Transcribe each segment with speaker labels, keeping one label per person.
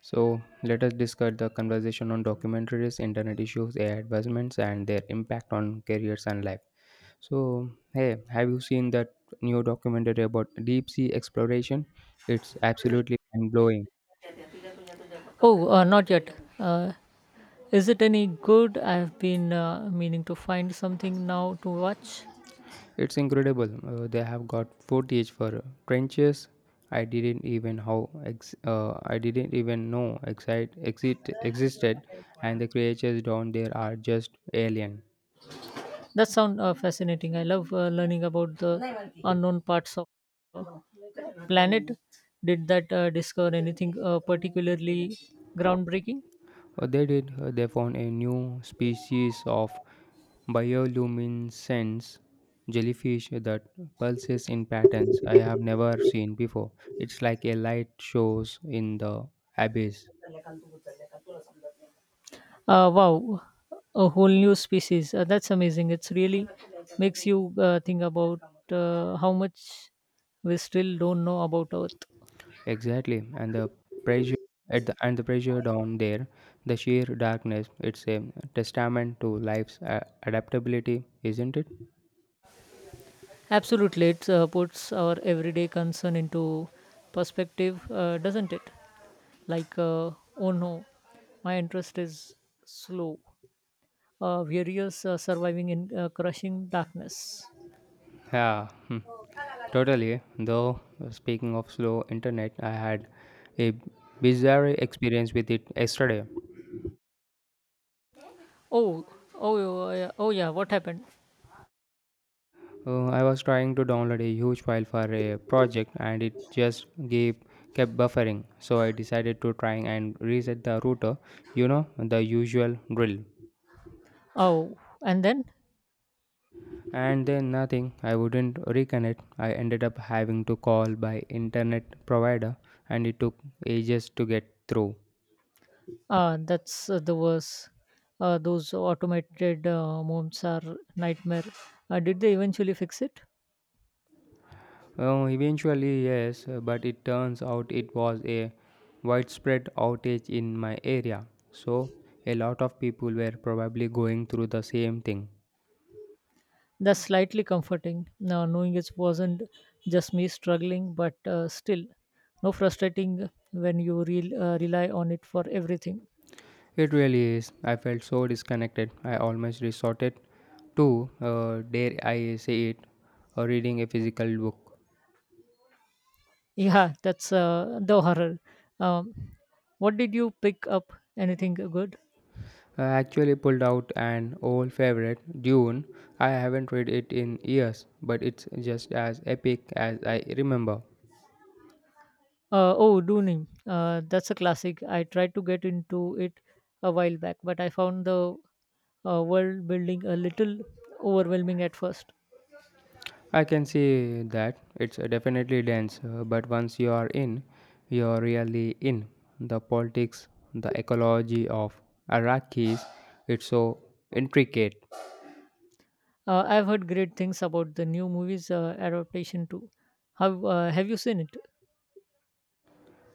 Speaker 1: So let us discuss the conversation on documentaries, internet issues, AI advancements, and their impact on careers and life. So, hey, have you seen that new documentary about deep sea exploration? It's absolutely mind blowing.
Speaker 2: Oh, not yet. Uh, is it any good? I've been meaning to find something now to watch.
Speaker 1: It's incredible. They have got footage for trenches. I didn't even know exit existed, and the creatures down there are just alien.
Speaker 2: That sounds fascinating. I love learning about the unknown parts of uh, planet. Did that discover anything particularly groundbreaking?
Speaker 1: They did. They found a new species of bioluminescence jellyfish that pulses in patterns I have never seen before. It's like a light shows in the abyss.
Speaker 2: Wow, a whole new species. That's amazing. It's really makes you think about how much we still don't know about Earth.
Speaker 1: Exactly, and pressure the pressure down there, the sheer darkness. It's a testament to life's adaptability, isn't it?
Speaker 2: Absolutely, it puts our everyday concern into perspective, doesn't it? Like, oh no, my interest is slow. Various surviving in crushing darkness.
Speaker 1: Yeah, hmm, totally. Though, speaking of slow internet, I had a bizarre experience with it yesterday.
Speaker 2: Oh, oh, oh, yeah, oh, yeah, what happened?
Speaker 1: I was trying to download a huge file for a project and it just gave kept buffering. So I decided to try and reset the router, you know, the usual drill.
Speaker 2: Oh, and then?
Speaker 1: And then nothing, I wouldn't reconnect. I ended up having to call my internet provider and it took ages to get through.
Speaker 2: That's the worst. Those automated moms are nightmare. Did they eventually fix it?
Speaker 1: Eventually, yes, but it turns out it was a widespread outage in my area. So, a lot of people were probably going through the same thing.
Speaker 2: That's slightly comforting, now knowing it wasn't just me struggling, but still, no frustrating when you rely on it for everything.
Speaker 1: It really is. I felt so disconnected. I almost resorted to, dare I say it, reading a physical book.
Speaker 2: Yeah, that's the horror. Um, what did you pick up? Anything good?
Speaker 1: I actually pulled out an old favorite, Dune. I haven't read it in years, but it's just as epic as I remember.
Speaker 2: Oh, Doonim. That's a classic. I tried to get into it a while back, but I found the world building a little overwhelming at first.
Speaker 1: I can see that it's definitely dense, but once you are in, you're really in. The politics, the ecology of Iraqis, it's so intricate.
Speaker 2: I've heard great things about the new movie's adaptation too. Have you seen it?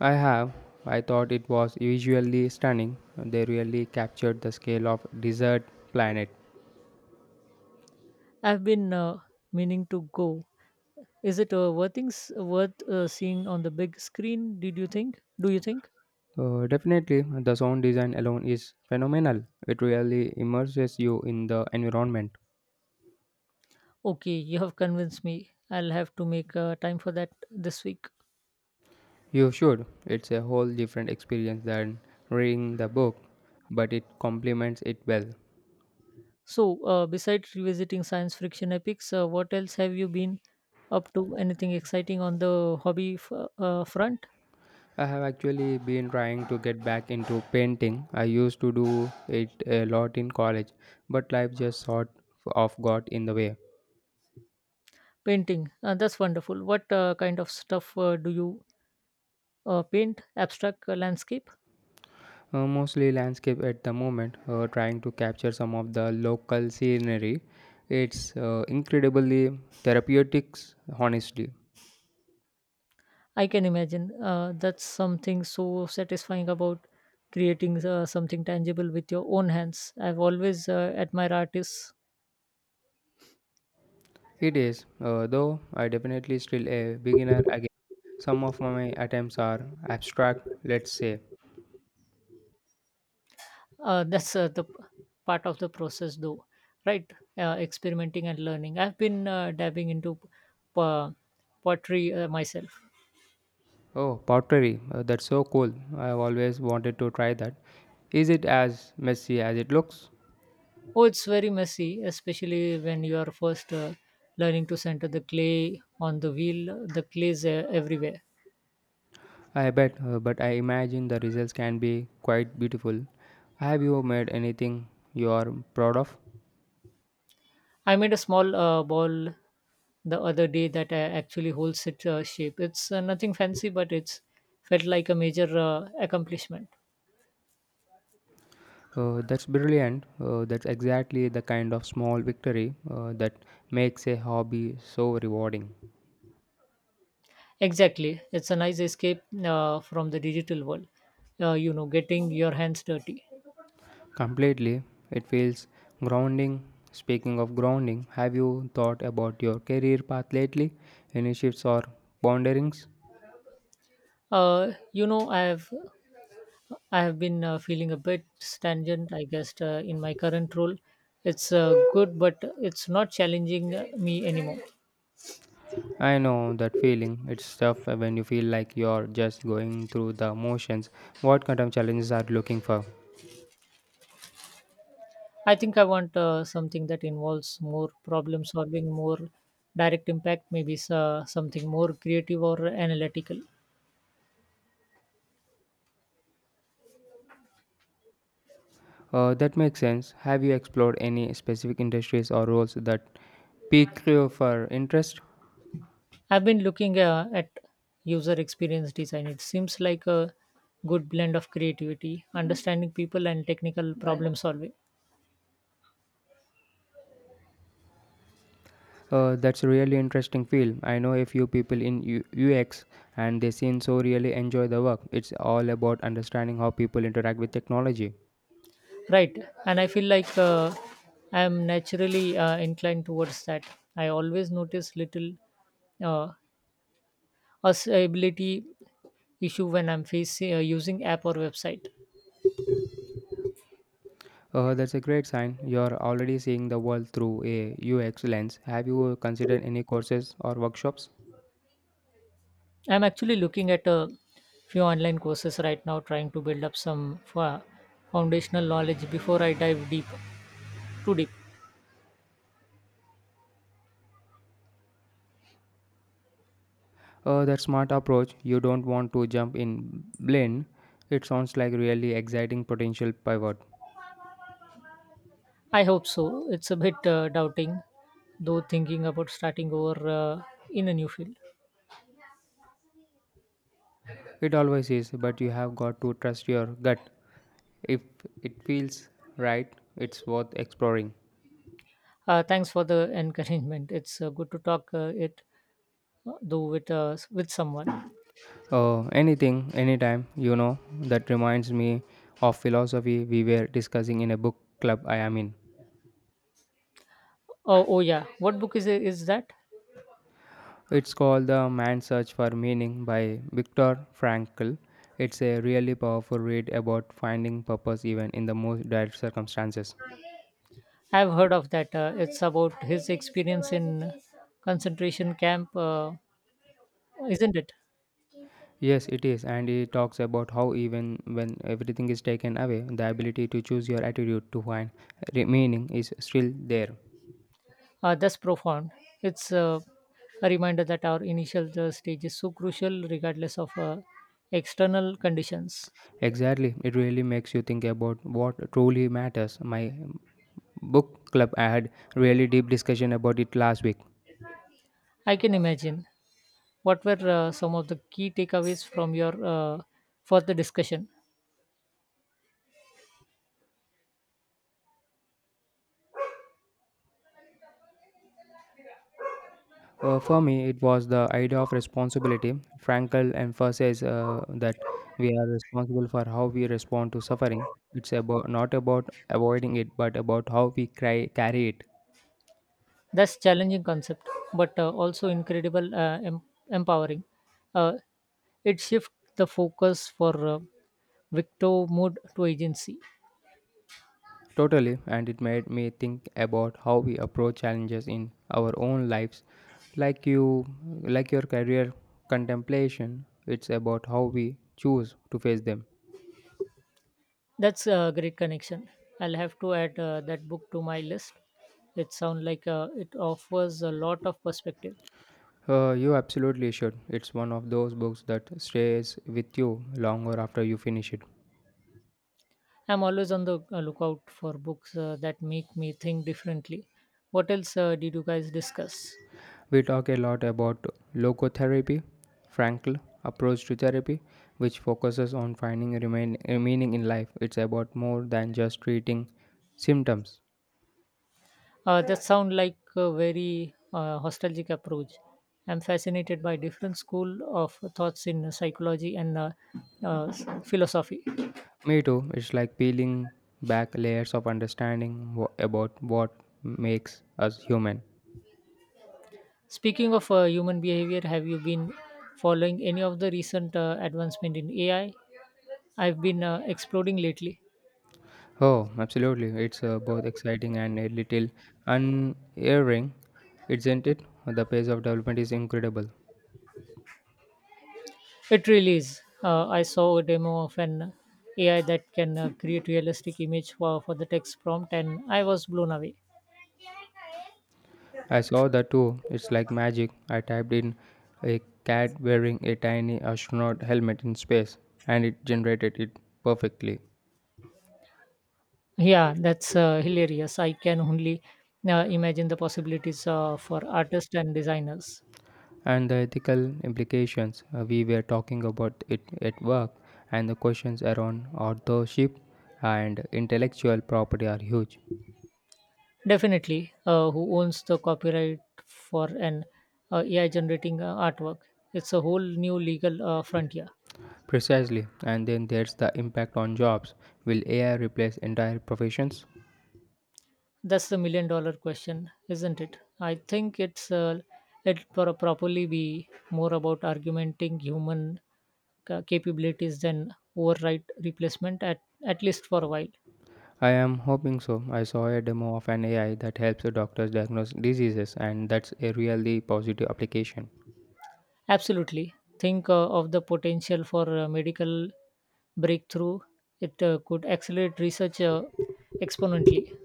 Speaker 1: I have, I thought it was visually stunning. They really captured the scale of desert planet.
Speaker 2: I've been meaning to go. Is it worth things worth seeing on the big screen? Did you think? Do you think?
Speaker 1: Definitely, the sound design alone is phenomenal. It really immerses you in the environment.
Speaker 2: Okay, you have convinced me. I'll have to make time for that this week.
Speaker 1: You should. It's a whole different experience than reading the book, but it complements it well.
Speaker 2: So, besides revisiting science fiction epics, what else have you been up to? Anything exciting on the hobby front?
Speaker 1: I have actually been trying to get back into painting. I used to do it a lot in college, but life just sort of got in the way.
Speaker 2: Painting. That's wonderful. What kind of stuff do you paint abstract landscape.
Speaker 1: Mostly landscape at the moment, trying to capture some of the local scenery. It's incredibly therapeutic, honestly.
Speaker 2: I can imagine that's something so satisfying about creating something tangible with your own hands. I've always admired artists.
Speaker 1: It is, though I definitely still a beginner again. Some of my attempts are abstract, let's say.
Speaker 2: That's the part of the process, though, right? Experimenting and learning. I've been dabbing into uh, pottery myself.
Speaker 1: Oh, pottery, that's so cool. I've always wanted to try that. Is it as messy as it looks?
Speaker 2: Oh, it's very messy, especially when you are first learning to center the clay on the wheel. The clays everywhere.
Speaker 1: I bet, but I imagine the results can be quite beautiful. Have you made anything you are proud of?
Speaker 2: I made a small ball the other day that actually holds its shape. It's nothing fancy, but it's felt like a major accomplishment.
Speaker 1: That's brilliant. That's exactly the kind of small victory that makes a hobby so rewarding.
Speaker 2: Exactly, it's a nice escape from the digital world. Getting your hands dirty.
Speaker 1: Completely, it feels grounding. Speaking of grounding, have you thought about your career path lately? Any shifts or ponderings?
Speaker 2: Uh, you know, I have I have been feeling a bit stagnant. I guess in my current role, it's good, but it's not challenging me anymore.
Speaker 1: I know that feeling. It's tough when you feel like you're just going through the motions. What kind of challenges are you looking for?
Speaker 2: I think I want something that involves more problem solving, more direct impact, maybe something more creative or analytical.
Speaker 1: That makes sense. Have you explored any specific industries or roles that pique your for interest?
Speaker 2: I've been looking at user experience design. It seems like a good blend of creativity, understanding people, and technical problem solving.
Speaker 1: That's a really interesting field. I know a few people in UX and they seem so really enjoy the work. It's all about understanding how people interact with technology.
Speaker 2: Right. And I feel like I'm naturally inclined towards that. I always notice little uh, usability issue when I'm facing using app or website.
Speaker 1: That's a great sign. You're already seeing the world through a UX lens. Have you considered any courses or workshops?
Speaker 2: I'm actually looking at a few online courses right now, trying to build up some foundational knowledge before I dive too deep.
Speaker 1: That smart approach. You don't want to jump in blind. It sounds like really exciting potential pivot.
Speaker 2: I hope so. It's a bit doubting, though, thinking about starting over in a new field.
Speaker 1: It always is, but you have got to trust your gut. If it feels right, it's worth exploring.
Speaker 2: Thanks for the encouragement. It's good to talk it though with with someone.
Speaker 1: Anything, anytime, you know, that reminds me of philosophy we were discussing in a book club I am in.
Speaker 2: Oh, oh yeah. What book is that?
Speaker 1: It's called The Man's Search for Meaning by Viktor Frankl. It's a really powerful read about finding purpose even in the most dire circumstances.
Speaker 2: I've heard of that. It's about his experience in concentration camp, isn't it?
Speaker 1: Yes, it is, and it talks about how even when everything is taken away, the ability to choose your attitude to find meaning is still there.
Speaker 2: That's profound. It's a reminder that our initial stage is so crucial, regardless of external conditions.
Speaker 1: Exactly, it really makes you think about what truly matters. My book club I had really deep discussion about it last week.
Speaker 2: I can imagine. What were some of the key takeaways from your further discussion?
Speaker 1: For me it was the idea of responsibility. Frankl emphasizes that we are responsible for how we respond to suffering. It's about not about avoiding it but about how we carry it.
Speaker 2: That's challenging concept, but also incredible, empowering. Uh, it shifts the focus for victor mood to agency.
Speaker 1: Totally, and it made me think about how we approach challenges in our own lives, like you like your career contemplation. It's about how we choose to face them.
Speaker 2: That's a great connection. I'll have to add that book to my list. It sounds like it offers a lot of perspective.
Speaker 1: You absolutely should. It's one of those books that stays with you longer after you finish it.
Speaker 2: I'm always on the lookout for books that make me think differently. What else did you guys discuss?
Speaker 1: We talk a lot about logotherapy, Frankl approach to therapy, which focuses on finding a meaning in life. It's about more than just treating symptoms.
Speaker 2: That sounds like a very nostalgic approach. I'm fascinated by different school of thoughts in psychology and philosophy.
Speaker 1: Me too. It's like peeling back layers of understanding about what makes us human.
Speaker 2: Speaking of human behavior, have you been following any of the recent advancement in AI? I've been exploding lately.
Speaker 1: Oh, absolutely. It's both exciting and a little unerring, isn't it? The pace of development is incredible.
Speaker 2: It really is. I saw a demo of an AI that can create realistic image for the text prompt, and I was blown away.
Speaker 1: I saw that too. It's like magic. I typed in a cat wearing a tiny astronaut helmet in space, and it generated it perfectly.
Speaker 2: Yeah, that's hilarious. I can only imagine the possibilities for artists and designers.
Speaker 1: And the ethical implications we were talking about it at work, and the questions around authorship and intellectual property are huge.
Speaker 2: Definitely, who owns the copyright for an AI generating artwork? It's a whole new legal frontier.
Speaker 1: Precisely, and then there's the impact on jobs. Will AI replace entire professions?
Speaker 2: That's the million dollar question, isn't it? I think it probably be more about argumenting human capabilities than override replacement at least for a while.
Speaker 1: I am hoping so. I saw a demo of an AI that helps the doctors diagnose diseases, and that's a really positive application.
Speaker 2: Absolutely, think of the potential for medical breakthrough. It could accelerate research exponentially.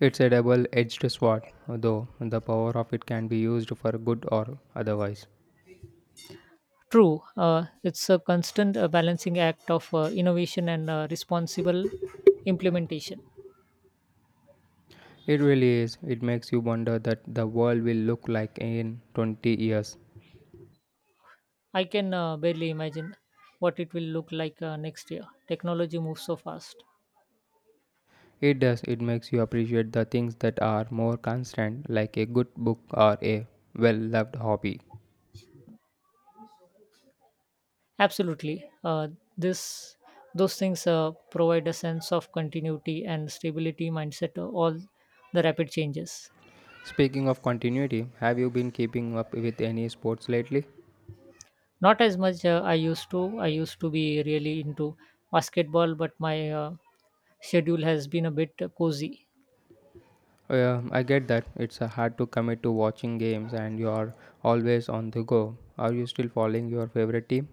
Speaker 1: It's a double edged sword, though the power of it can be used for good or otherwise.
Speaker 2: True, it's a constant balancing act of innovation and responsible implementation.
Speaker 1: It really is. It makes you wonder that the world will look like in 20 years.
Speaker 2: I can barely imagine what it will look like next year. Technology moves so fast.
Speaker 1: It does. It makes you appreciate the things that are more constant, like a good book or a well loved hobby.
Speaker 2: Absolutely, this those things provide a sense of continuity and stability mindset to all the rapid changes.
Speaker 1: Speaking of continuity, have you been keeping up with any sports lately?
Speaker 2: Not as much I used to. I used to be really into basketball, but my schedule has been a bit cozy.
Speaker 1: I get that it's hard to commit to watching games and you're always on the go. Are you still following your favorite team?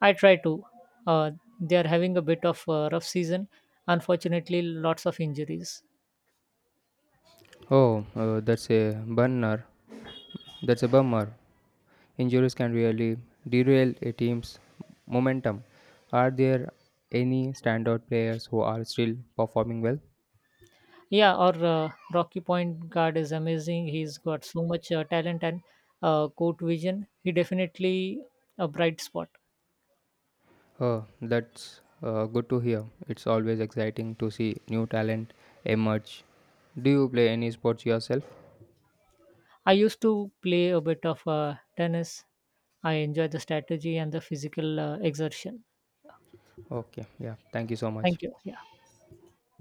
Speaker 2: I try to. Uh, they are having a bit of a rough season. Unfortunately, lots of injuries.
Speaker 1: Oh, that's a bummer. That's a bummer. Injuries can really derail a team's momentum. Are there any standout players who are still performing well?
Speaker 2: Yeah, our Rocky Point guard is amazing. He's got so much talent and court vision. He definitely a bright spot.
Speaker 1: Oh, that's good to hear. It's always exciting to see new talent emerge. Do you play any sports yourself?
Speaker 2: I used to play a bit of tennis. I enjoy the strategy and the physical exertion.
Speaker 1: Okay, yeah, thank you so much.
Speaker 2: Thank you. Yeah.